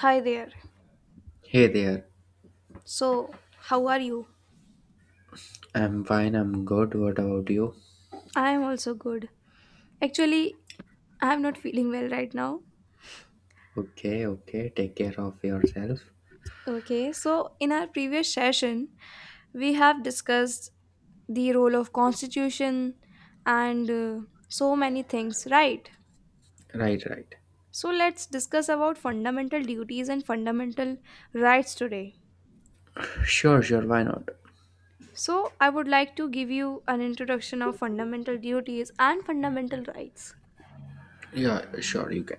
Hi there. Hey there. So, how are you? I'm fine, I'm good. What about you? I am also good. Actually, I am not feeling well right now. Okay, okay. Take care of yourself. Okay, so in our previous session, we have discussed the role of constitution and so many things, right? Right, right. So, let's discuss about fundamental duties and fundamental rights today. Sure, sure. Why not? So, I would like to give you an introduction of fundamental duties and fundamental rights. Yeah, sure, you can.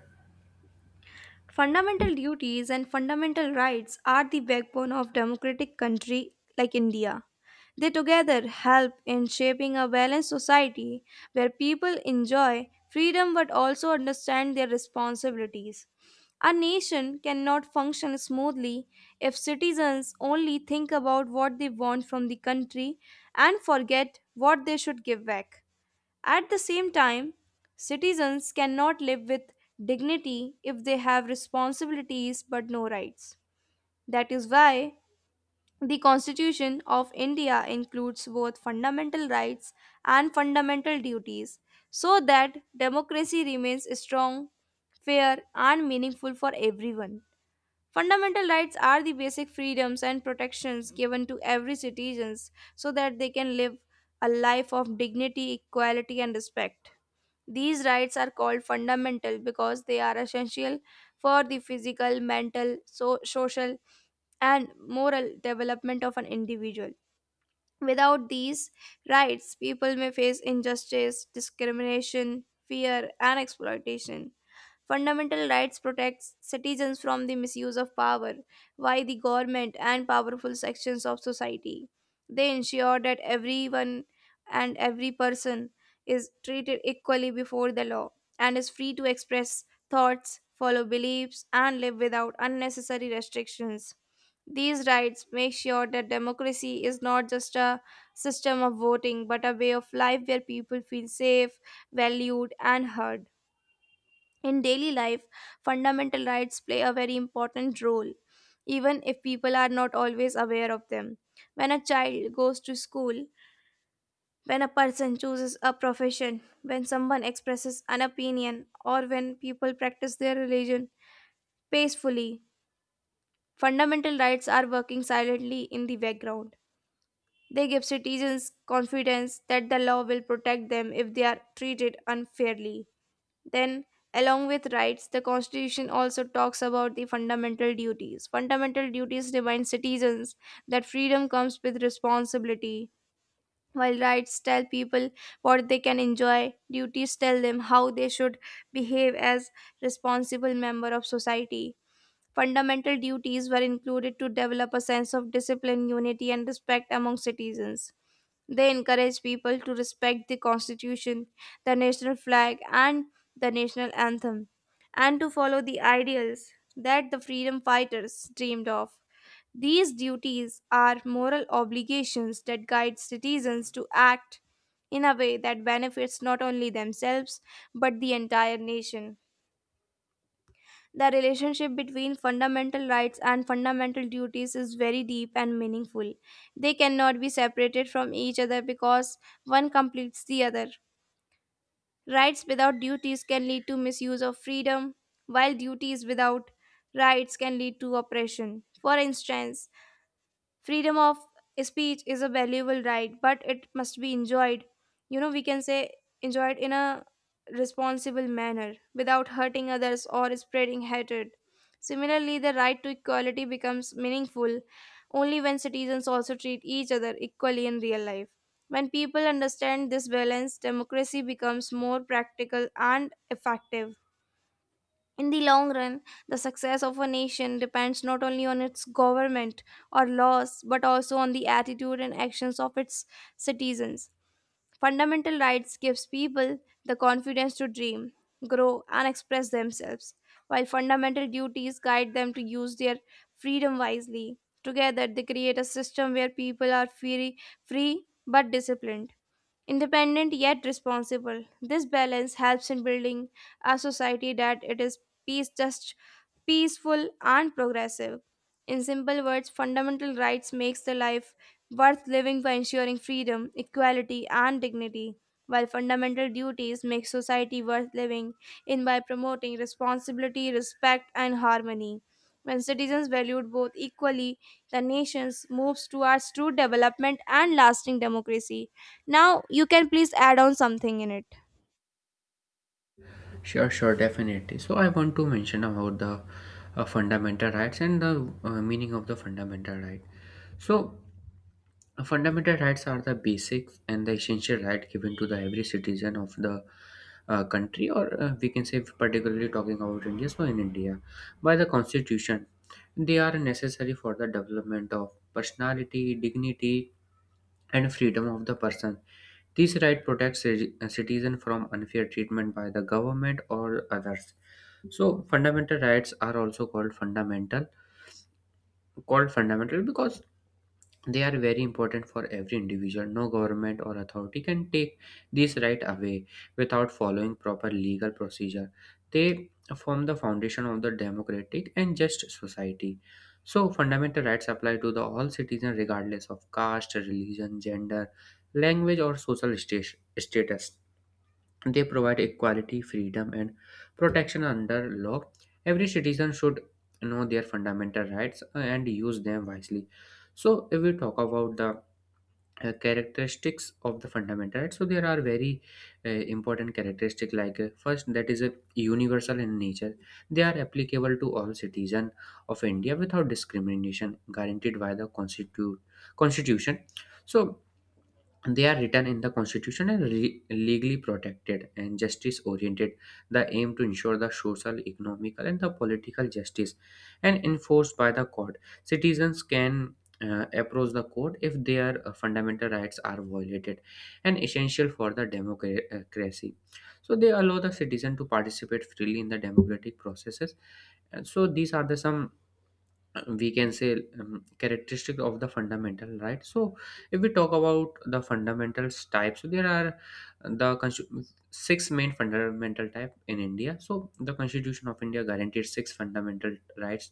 Fundamental duties and fundamental rights are the backbone of democratic country like India. They together help in shaping a balanced society where people enjoy freedom but also understand their responsibilities. A nation cannot function smoothly if citizens only think about what they want from the country and forget what they should give back. At the same time, citizens cannot live with dignity if they have responsibilities but no rights. That is why the Constitution of India includes both fundamental rights and fundamental duties so that democracy remains strong, fair, and meaningful for everyone. Fundamental rights are the basic freedoms and protections given to every citizen so that they can live a life of dignity, equality, and respect. These rights are called fundamental because they are essential for the physical, mental, social, and moral development of an individual. Without these rights, people may face injustice, discrimination, fear, and exploitation. Fundamental rights protects citizens from the misuse of power by the government and powerful sections of society. They ensure that everyone and every person is treated equally before the law and is free to express thoughts, follow beliefs, and live without unnecessary restrictions. These rights make sure that democracy is not just a system of voting but a way of life where people feel safe, valued, and heard. In daily life, fundamental rights play a very important role, even if people are not always aware of them. When a child goes to school, when a person chooses a profession, when someone expresses an opinion, or when people practice their religion peacefully, fundamental rights are working silently in the background. They give citizens confidence that the law will protect them if they are treated unfairly. Then, along with rights, the Constitution also talks about the fundamental duties. Fundamental duties remind citizens that freedom comes with responsibility. While rights tell people what they can enjoy, duties tell them how they should behave as responsible member of society. Fundamental duties were included to develop a sense of discipline, unity, and respect among citizens. They encourage people to respect the Constitution, the national flag, and the national anthem, and to follow the ideals that the freedom fighters dreamed of. These duties are moral obligations that guide citizens to act in a way that benefits not only themselves but the entire nation. The relationship between fundamental rights and fundamental duties is very deep and meaningful. They cannot be separated from each other because one completes the other. Rights without duties can lead to misuse of freedom, while duties without rights can lead to oppression. For instance, freedom of speech is a valuable right, but it must be enjoyed, we can say, enjoyed in a responsible manner without hurting others or spreading hatred. Similarly, the right to equality becomes meaningful only when citizens also treat each other equally in real life. When people understand this balance, democracy becomes more practical and effective. In the long run, the success of a nation depends not only on its government or laws, but also on the attitude and actions of its citizens. Fundamental rights gives people the confidence to dream, grow, and express themselves, while fundamental duties guide them to use their freedom wisely. Together, they create a system where people are free but disciplined. Independent yet responsible. This balance helps in building a society that it is peace just peaceful and progressive. In simple words, fundamental rights makes the life worth living by ensuring freedom, equality and dignity, while fundamental duties make society worth living in by promoting responsibility, respect and harmony. When citizens valued both equally, the nations moves towards true development and lasting democracy. Now you can please add on something in it. Sure, sure, definitely. So, I want to mention about the fundamental rights and the meaning of the fundamental right. So, fundamental rights are the basics and the essential right given to the every citizen of the country, or we can say, particularly talking about India, so in India, by the constitution, they are necessary for the development of personality, dignity, and freedom of the person. This right protects citizen from unfair treatment by the government or others. So fundamental rights are also called fundamental because they are very important for every individual. No government or authority can take these right away without following proper legal procedure. They form the foundation of the democratic and just society. So, fundamental rights apply to the all citizens regardless of caste, religion, gender, language, or status. They provide equality, freedom, and protection under law. Every citizen should know their fundamental rights and use them wisely. So, if we talk about the characteristics of the fundamental rights, so there are very important characteristics like first that is universal in nature. They are applicable to all citizens of India without discrimination, guaranteed by the constitution. So, they are written in the constitution and legally protected and justice oriented, the aim to ensure the social, economical, and the political justice, and enforced by the court. Citizens can approach the court if their fundamental rights are violated, and essential for the democracy, so they allow the citizen to participate freely in the democratic processes. And so these are the some, we can say, characteristic of the fundamental right. So if we talk about the fundamentals type, so there are the six main fundamental type in India. So the constitution of India guaranteed six fundamental rights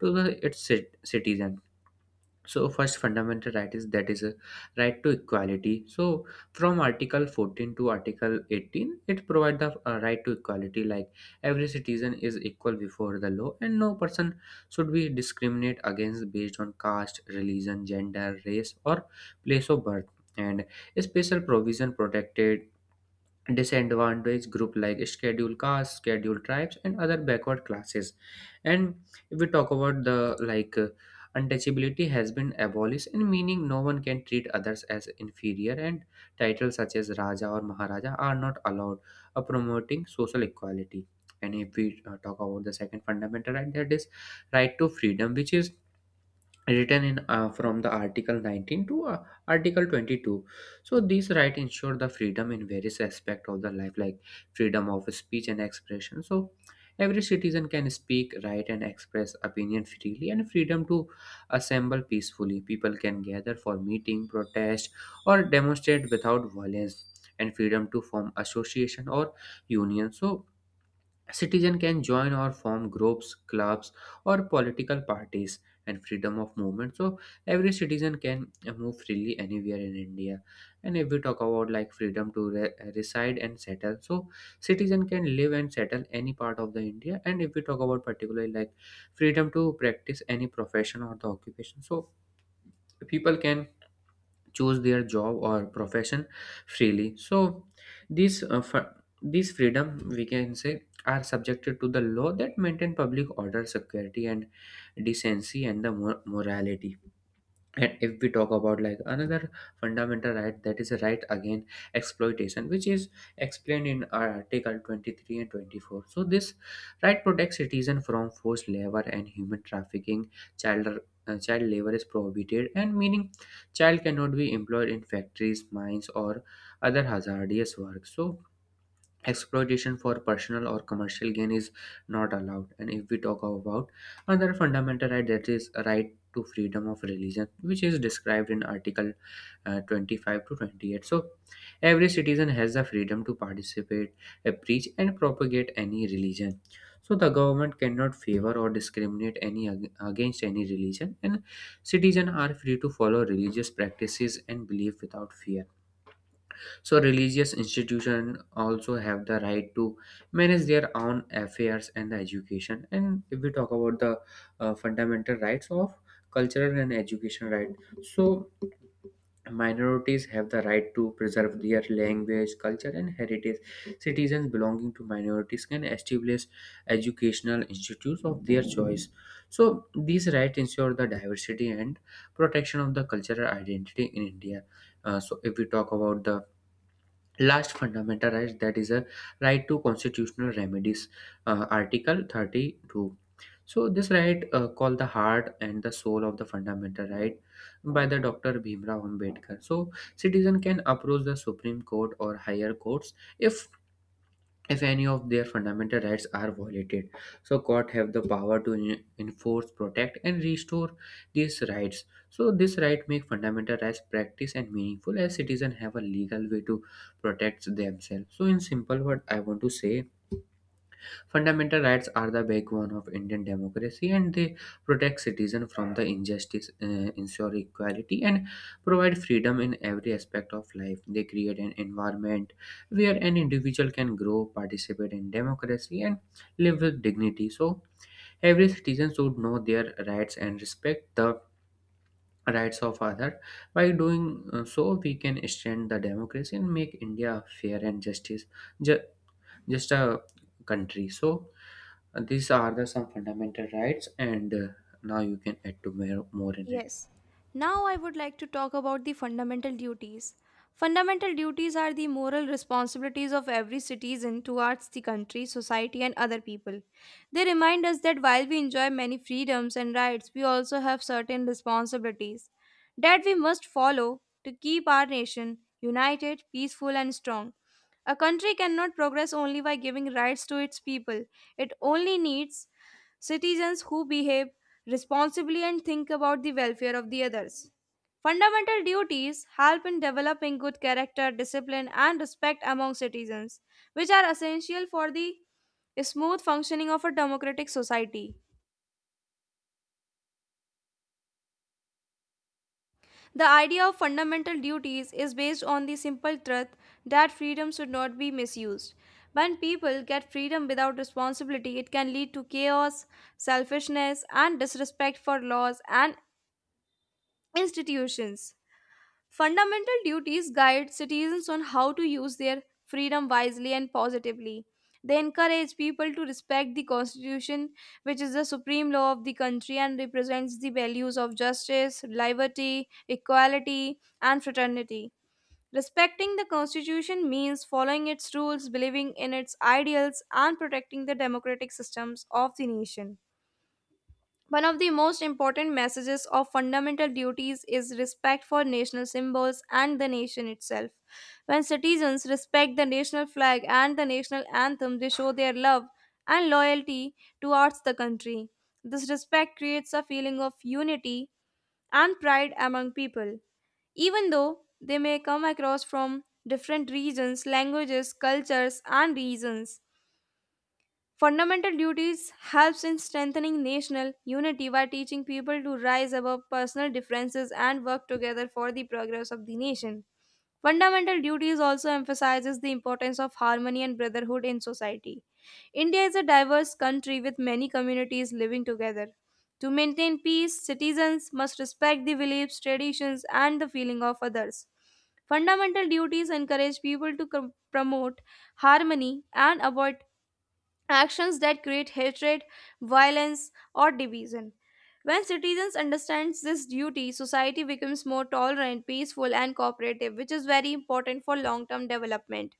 to the its citizens. So first fundamental right is that is a right to equality. So from article 14 to article 18, it provides the right to equality, like every citizen is equal before the law and no person should be discriminate against based on caste, religion, gender, race, or place of birth. And a special provision protected disadvantaged group like scheduled castes, scheduled tribes, and other backward classes. And if we talk about the, like, untouchability has been abolished in meaning no one can treat others as inferior, and titles such as raja or maharaja are not allowed, promoting social equality. And if we talk about the second fundamental right, that is right to freedom, which is written in, from the article 19 to article 22. So these rights ensure the freedom in various aspects of the life, like freedom of speech and expression, so every citizen can speak, write, and express opinion freely. And freedom to assemble peacefully, people can gather for meeting, protest, or demonstrate without violence. And freedom to form association or union, so citizen can join or form groups, clubs, or political parties. And freedom of movement. So every citizen can move freely anywhere in India. And if we talk about like freedom to reside and settle, so citizen can live and settle any part of the India. And if we talk about particularly like freedom to practice any profession or the occupation, so people can choose their job or profession freely. So this uh, fr- this freedom, we can say, are subjected to the law that maintain public order, security, and decency, and the morality. And if we talk about like another fundamental right, that is a right against exploitation, which is explained in our article 23 and 24. So this right protects citizens from forced labor and human trafficking. child Child labor is prohibited, and meaning child cannot be employed in factories, mines, or other hazardous work. So exploitation for personal or commercial gain is not allowed. And if we talk about another fundamental right, that is a right to freedom of religion, which is described in Article 25 to 28. So every citizen has the freedom to participate, preach, and propagate any religion. So the government cannot favor or discriminate any against any religion, and citizens are free to follow religious practices and belief without fear. So religious institutions also have the right to manage their own affairs and the education. And if we talk about the fundamental rights of cultural and education right, so minorities have the right to preserve their language, culture, and heritage. Citizens belonging to minorities can establish educational institutes of their choice. So these rights ensure the diversity and protection of the cultural identity in India. So if we talk about the last fundamental right, that is a right to constitutional remedies, Article 32. So this right called the heart and the soul of the fundamental right by the Dr. Bhimrao Ambedkar. So citizen can approach the Supreme Court or higher courts if any of their fundamental rights are violated. So court have the power to enforce, protect, and restore these rights. So this right make fundamental rights practice and meaningful, as citizens have a legal way to protect themselves. So in simple word I want to say, fundamental rights are the backbone of Indian democracy, and they protect citizens from the injustice, ensure equality, and provide freedom in every aspect of life. They create an environment where an individual can grow, participate in democracy, and live with dignity. So, every citizen should know their rights and respect the rights of others. By doing so, we can strengthen the democracy and make India a fair and ju- just a country. So, and these are the some fundamental rights, and now you can add more in it. Yes. Now I would like to talk about the fundamental duties. Fundamental duties are the moral responsibilities of every citizen towards the country, society, and other people. They remind us that while we enjoy many freedoms and rights, we also have certain responsibilities that we must follow to keep our nation united, peaceful, and strong. A country cannot progress only by giving rights to its people, it only needs citizens who behave responsibly and think about the welfare of the others. Fundamental duties help in developing good character, discipline, and respect among citizens, which are essential for the smooth functioning of a democratic society. The idea of fundamental duties is based on the simple truth that freedom should not be misused. When people get freedom without responsibility, it can lead to chaos, selfishness, and disrespect for laws and institutions. Fundamental duties guide citizens on how to use their freedom wisely and positively. They encourage people to respect the Constitution, which is the supreme law of the country and represents the values of justice, liberty, equality, and fraternity. Respecting the Constitution means following its rules, believing in its ideals, and protecting the democratic systems of the nation. One of the most important messages of fundamental duties is respect for national symbols and the nation itself. When citizens respect the national flag and the national anthem, they show their love and loyalty towards the country. This respect creates a feeling of unity and pride among people, even though they may come across from different regions, languages, cultures, and reasons. Fundamental duties helps in strengthening national unity by teaching people to rise above personal differences and work together for the progress of the nation. Fundamental duties also emphasizes the importance of harmony and brotherhood in society. India is a diverse country with many communities living together. To maintain peace, citizens must respect the beliefs, traditions, and the feeling of others. Fundamental duties encourage people to promote harmony and avoid actions that create hatred, violence, or division. When citizens understand this duty, society becomes more tolerant, peaceful, and cooperative, which is very important for long term development.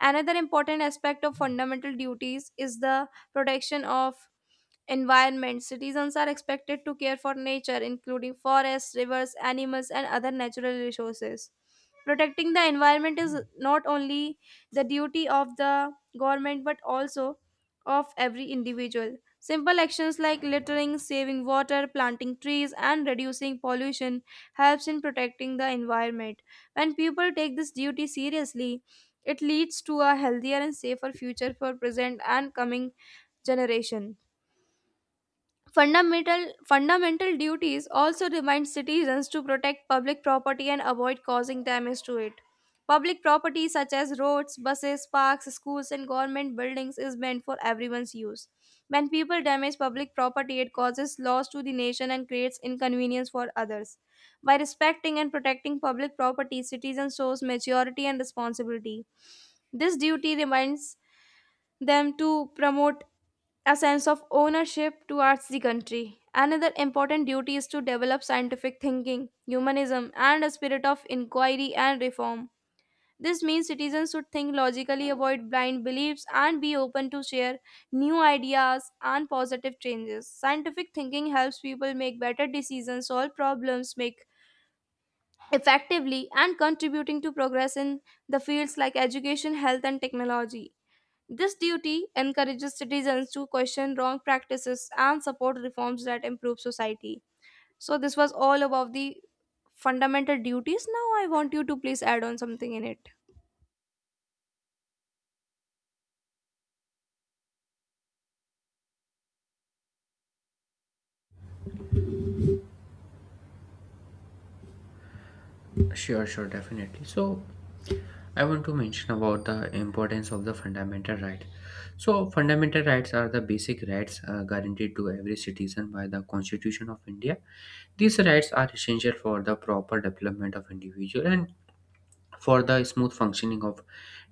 Another important aspect of fundamental duties is the protection of environment, citizens are expected to care for nature, including forests, rivers, animals, and other natural resources. Protecting the environment is not only the duty of the government but also of every individual. Simple actions like littering, saving water, planting trees, and reducing pollution helps in protecting the environment. When people take this duty seriously, it leads to a healthier and safer future for present and coming generation. Fundamental duties also remind citizens to protect public property and avoid causing damage to it. Public property such as roads, buses, parks, schools, and government buildings is meant for everyone's use. When people damage public property, it causes loss to the nation and creates inconvenience for others. By respecting and protecting public property, citizens shows maturity and responsibility. This duty reminds them to promote a sense of ownership towards the country. Another important duty is to develop scientific thinking, humanism, and a spirit of inquiry and reform. This means citizens should think logically, avoid blind beliefs, and be open to share new ideas and positive changes. Scientific thinking helps people make better decisions, solve problems, make effectively, and contributing to progress in the fields like education, health, and technology. This duty encourages citizens to question wrong practices and support reforms that improve society. So, this was all about the fundamental duties. Now, I want you to please add on something in it. Sure, sure, definitely. So, I want to mention about the importance of the fundamental right. So, fundamental rights are the basic rights guaranteed to every citizen by the Constitution of India. These rights are essential for the proper development of individual and for the smooth functioning of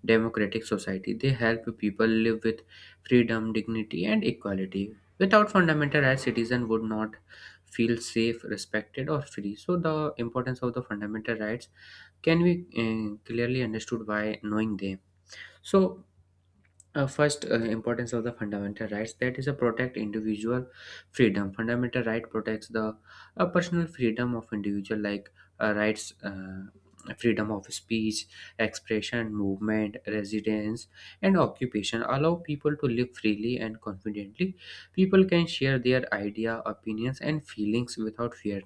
democratic society. They help people live with freedom, dignity, and equality. Without fundamental rights, citizens would not feel safe, respected, or free. So, the importance of the fundamental rights can be clearly understood by knowing them. So, first, importance of the fundamental rights, that is a protect individual freedom. Fundamental right protects the personal freedom of individual, like rights, freedom of speech, expression, movement, residence, and occupation. Allow people to live freely and confidently. People can share their idea, opinions, and feelings without fear.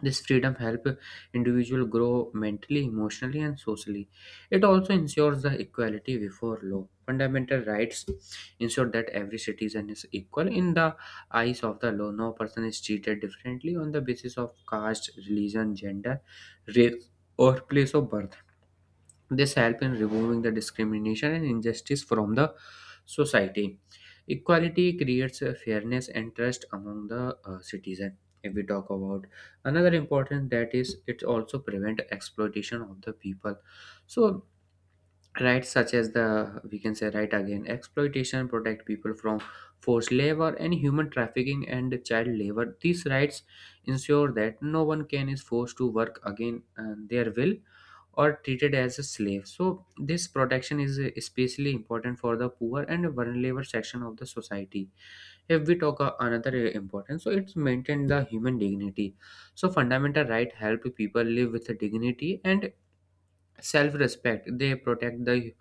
This freedom helps individual grow mentally, emotionally, and socially. It also ensures the equality before law. Fundamental rights ensure that every citizen is equal in the eyes of the law. No person is treated differently on the basis of caste, religion, gender, race, or place of birth. This help in removing the discrimination and injustice from the society. Equality creates a fairness and trust among the citizen. If we talk about another important, that is, it also prevent exploitation of the people. So rights such as the, we can say, right again exploitation protect people from forced labor and human trafficking and child labor. These rights ensure that no one can is forced to work again their will or treated as a slave. So this protection is especially important for the poor and vulnerable section of the society. If we talk another important, so it's maintain the human dignity. So fundamental right help people live with dignity and self-respect. They protect the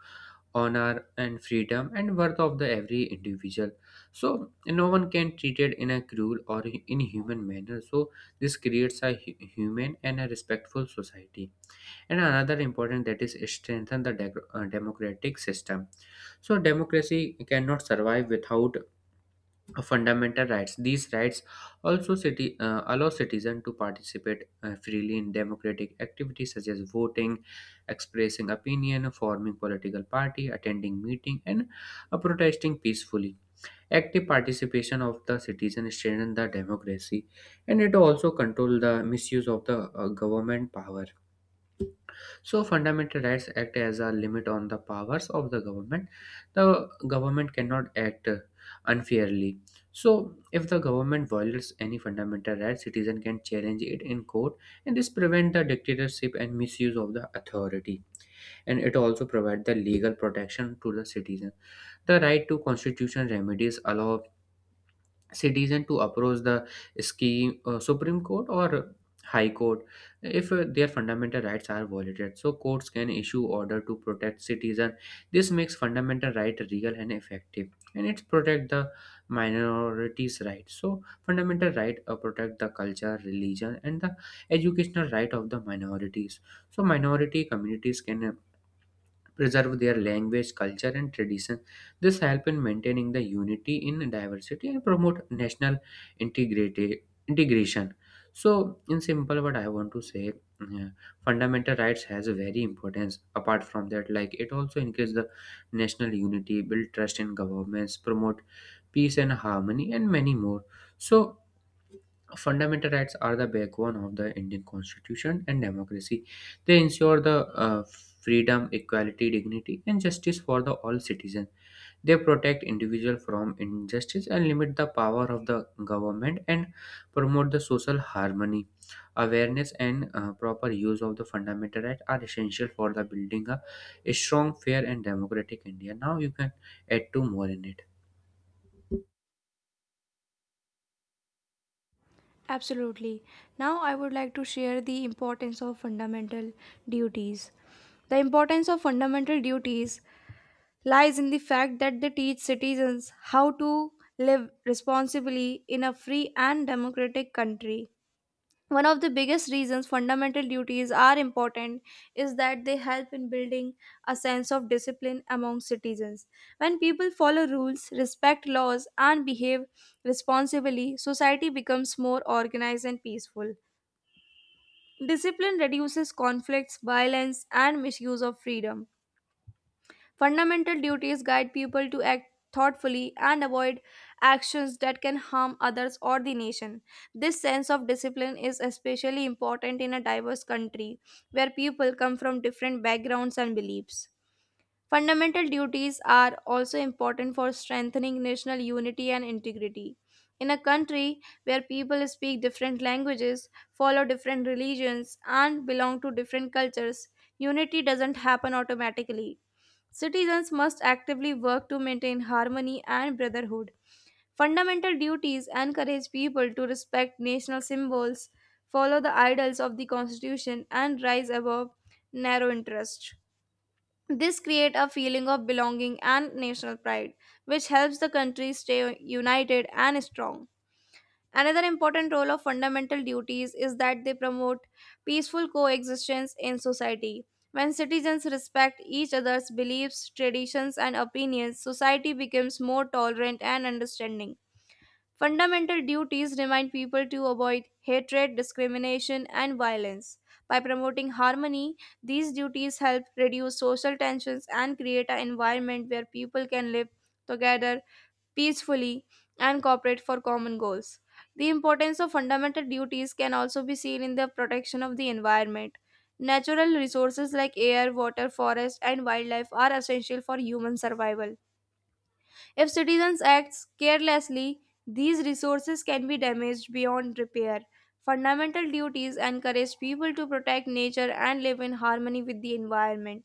honor and freedom and worth of the every individual. So no one can treated in a cruel or inhuman manner. So this creates a human and a respectful society. And another important, that is strengthen the democratic system. So democracy cannot survive without of fundamental rights. These rights also allow citizens to participate freely in democratic activities such as voting, expressing opinion, forming political party, attending meeting, and protesting peacefully. Active participation of the citizens strengthens the democracy, and it also controls the misuse of the government power. So, fundamental rights act as a limit on the powers of the government. The government cannot act unfairly. So, if the government violates any fundamental right, citizen can challenge it in court, and this prevent the dictatorship and misuse of the authority. And it also provides the legal protection to the citizen. The right to constitutional remedies allow citizen to approach the scheme supreme court or high court if their fundamental rights are violated. So courts can issue order to protect citizen. This makes fundamental right real and effective, and it protect the minorities rights. So fundamental right protect the culture, religion, and the educational right of the minorities. So minority communities can preserve their language, culture, and tradition. This help in maintaining the unity in diversity and promote national integration. So, in simple, what I want to say, uh, fundamental rights has a very importance. Apart from that, like it also increase the national unity, build trust in governments, promote peace and harmony, and many more. So, fundamental rights are the backbone of the Indian Constitution and democracy. They ensure the freedom, equality, dignity, and justice for the all citizens. They protect individual from injustice and limit the power of the government and promote the social harmony. Awareness and proper use of the fundamental rights are essential for the building a strong, fair, and democratic India. Now you can add two more in it. Absolutely. Now, I would like to share the importance of fundamental duties. The importance of fundamental duties lies in the fact that they teach citizens how to live responsibly in a free and democratic country. One of the biggest reasons fundamental duties are important is that they help in building a sense of discipline among citizens. When people follow rules, respect laws, and behave responsibly, society becomes more organized and peaceful. Discipline reduces conflicts, violence, and misuse of freedom. Fundamental duties guide people to act thoughtfully and avoid actions that can harm others or the nation. This sense of discipline is especially important in a diverse country where people come from different backgrounds and beliefs. Fundamental duties are also important for strengthening national unity and integrity. In a country where people speak different languages, follow different religions, and belong to different cultures, unity doesn't happen automatically. Citizens must actively work to maintain harmony and brotherhood. Fundamental duties encourage people to respect national symbols, follow the ideals of the constitution, and rise above narrow interests. This creates a feeling of belonging and national pride, which helps the country stay united and strong. Another important role of fundamental duties is that they promote peaceful coexistence in society. When citizens respect each other's beliefs, traditions, and opinions, society becomes more tolerant and understanding. Fundamental duties remind people to avoid hatred, discrimination, and violence. By promoting harmony, these duties help reduce social tensions and create an environment where people can live together peacefully and cooperate for common goals. The importance of fundamental duties can also be seen in the protection of the environment. Natural resources like air, water, forest, and wildlife are essential for human survival. If citizens act carelessly, these resources can be damaged beyond repair. Fundamental duties encourage people to protect nature and live in harmony with the environment.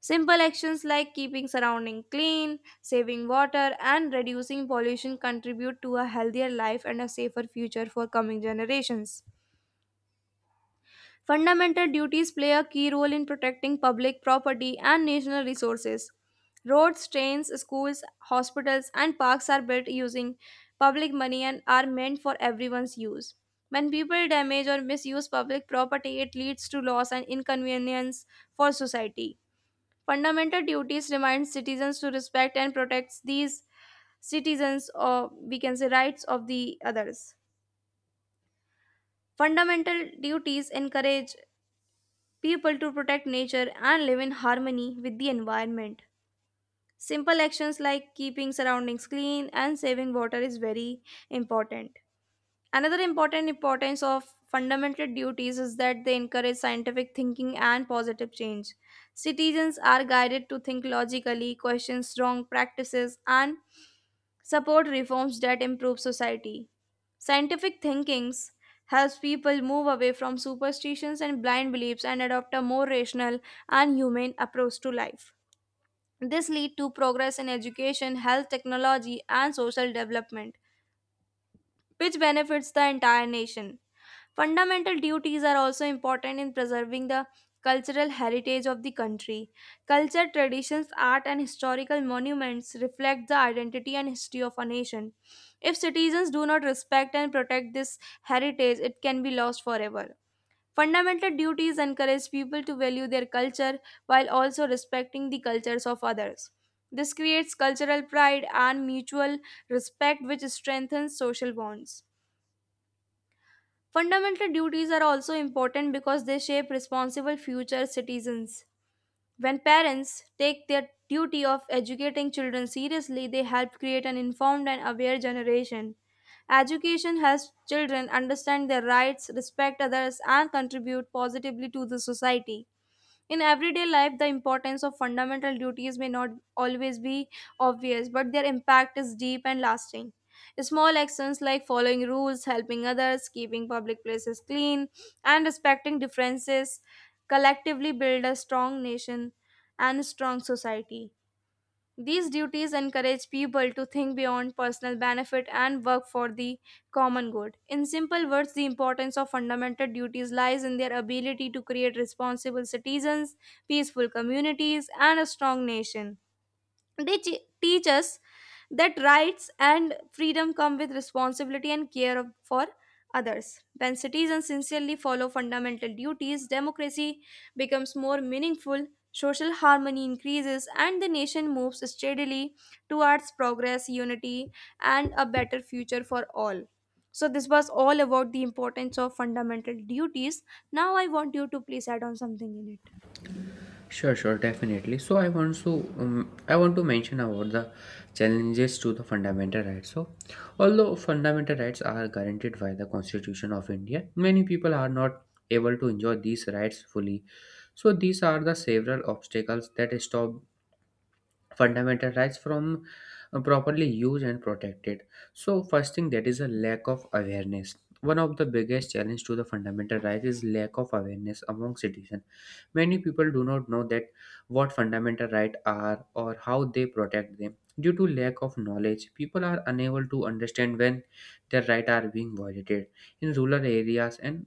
Simple actions like keeping surrounding clean, saving water and reducing pollution contribute to a healthier life and a safer future for coming generations. Fundamental duties play a key role in protecting public property and national resources. Roads, trains, schools, hospitals and parks are built using public money and are meant for everyone's use. When people damage or misuse public property, it leads to loss and inconvenience for society. Fundamental duties remind citizens to respect and protect these citizens or we can say rights of the others. Fundamental duties encourage people to protect nature and live in harmony with the environment. Simple actions like keeping surroundings clean and saving water is very important. Another important importance of fundamental duties is that they encourage scientific thinking and positive change. Citizens are guided to think logically, question wrong practices, and support reforms that improve society. Scientific thinkings helps people move away from superstitions and blind beliefs and adopt a more rational and humane approach to life. This leads to progress in education, health technology, and social development, which benefits the entire nation. Fundamental duties are also important in preserving the cultural heritage of the country. Culture, traditions, art, and historical monuments reflect the identity and history of a nation. If citizens do not respect and protect this heritage, it can be lost forever. Fundamental duties encourage people to value their culture while also respecting the cultures of others. This creates cultural pride and mutual respect, which strengthens social bonds. Fundamental duties are also important because they shape responsible future citizens. When parents take their duty of educating children seriously, they help create an informed and aware generation. Education helps children understand their rights, respect others, and contribute positively to the society. In everyday life, the importance of fundamental duties may not always be obvious, but their impact is deep and lasting. Small actions like following rules, helping others, keeping public places clean, and respecting differences collectively build a strong nation and a strong society. These duties encourage people to think beyond personal benefit and work for the common good. In simple words, the importance of fundamental duties lies in their ability to create responsible citizens, peaceful communities, and a strong nation. They teach us that rights and freedom come with responsibility and care for others. When citizens sincerely follow fundamental duties, democracy becomes more meaningful, social harmony increases, and the nation moves steadily towards progress, unity, and a better future for all. So, this was all about the importance of fundamental duties. Now, I want you to please add on something in it. Sure, sure, definitely. So I want to mention about the challenges to the fundamental rights. So, although fundamental rights are guaranteed by the Constitution of India, many people are not able to enjoy these rights fully. So these are the several obstacles that stop fundamental rights from properly used and protected. So first thing, that is a lack of awareness. One of the biggest challenge to the fundamental rights is lack of awareness among citizens. Many people do not know that what fundamental rights are or how they protect them. Due to lack of knowledge, people are unable to understand when their rights are being violated. In rural areas and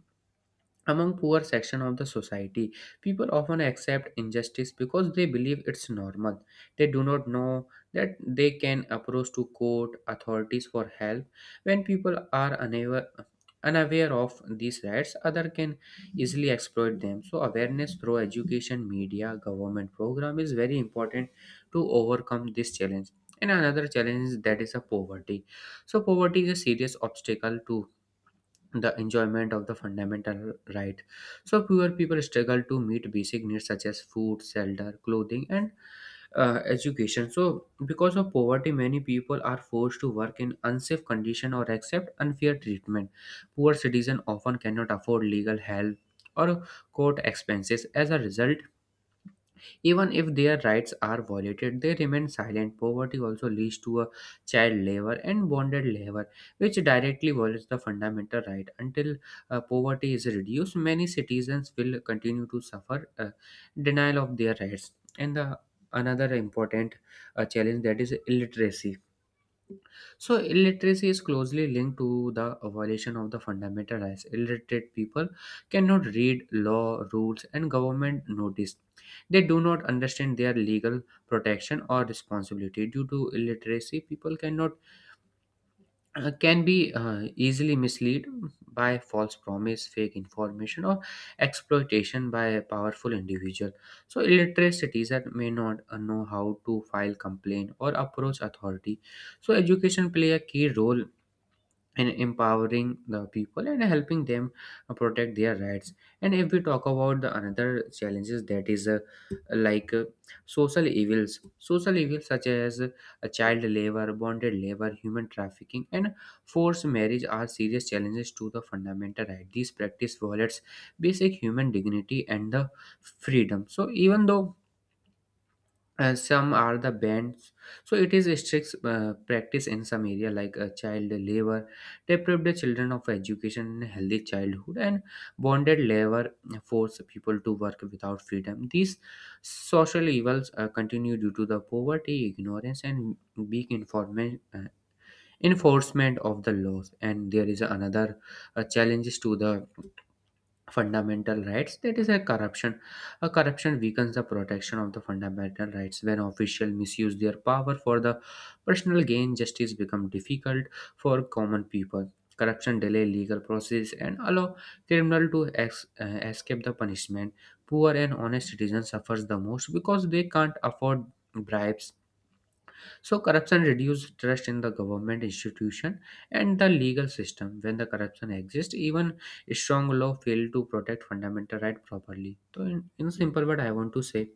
among poor section of the society, people often accept injustice because they believe it's normal. They do not know that they can approach to court authorities for help. When people are unaware of these rights, other can easily exploit them. So awareness through education, media, government program is very important to overcome this challenge. And another challenge is that is a poverty. So poverty is a serious obstacle to the enjoyment of the fundamental right. So poor people struggle to meet basic needs such as food, shelter, clothing, and education. So because of poverty, many people are forced to work in unsafe condition or accept unfair treatment. Poor citizens often cannot afford legal help or court expenses. As a result, even if their rights are violated, they remain silent. Poverty also leads to a child labor and bonded labor, which directly violates the fundamental right. Until poverty is reduced, many citizens will continue to suffer denial of their rights. And the another important challenge, that is illiteracy. So illiteracy is closely linked to the violation of the fundamental rights. Illiterate people cannot read law, rules, and government notice. They do not understand their legal protection or responsibility. Due to illiteracy, people cannot can be easily misled by false promise, fake information, or exploitation by a powerful individual. So illiterate citizens may not know how to file complaint or approach authority. So education play a key role and empowering the people and helping them protect their rights. And if we talk about the another challenges, that is like uh, social evils. Social evils such as child labor, bonded labor, human trafficking, and forced marriage are serious challenges to the fundamental right. These practice violates basic human dignity and the freedom. So even though some are the bans, so it is a strict practice in some area, like child labor deprive the children of education and a healthy childhood, and bonded labor force people to work without freedom. These social evils continue due to the poverty, ignorance, and weak enforcement of the laws. And there is another challenges to the fundamental rights, that is a corruption. A corruption weakens the protection of the fundamental rights. When officials misuse their power for the personal gain, justice becomes difficult for common people. Corruption delay legal process and allow criminal to escape the punishment. Poor and honest citizens suffers the most because they can't afford bribes. So corruption reduces trust in the government institution and the legal system. When the corruption exists, even strong law fail to protect fundamental right properly. So in simple word, I want to say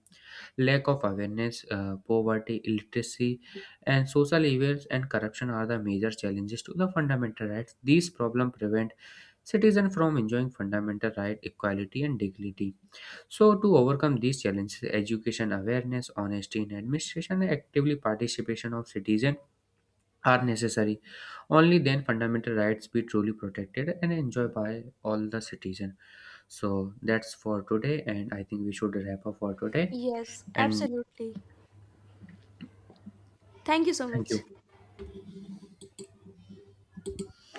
lack of awareness, poverty, illiteracy, and social evils and corruption are the major challenges to the fundamental rights. These problems prevent citizens from enjoying fundamental right, equality, and dignity. So, to overcome these challenges, education awareness, honesty in administration, and actively participation of citizens are necessary. Only then fundamental rights be truly protected and enjoyed by all the citizens. So that's for today, and I think we should wrap up for today. Yes, And absolutely. Thank you so thank much. you.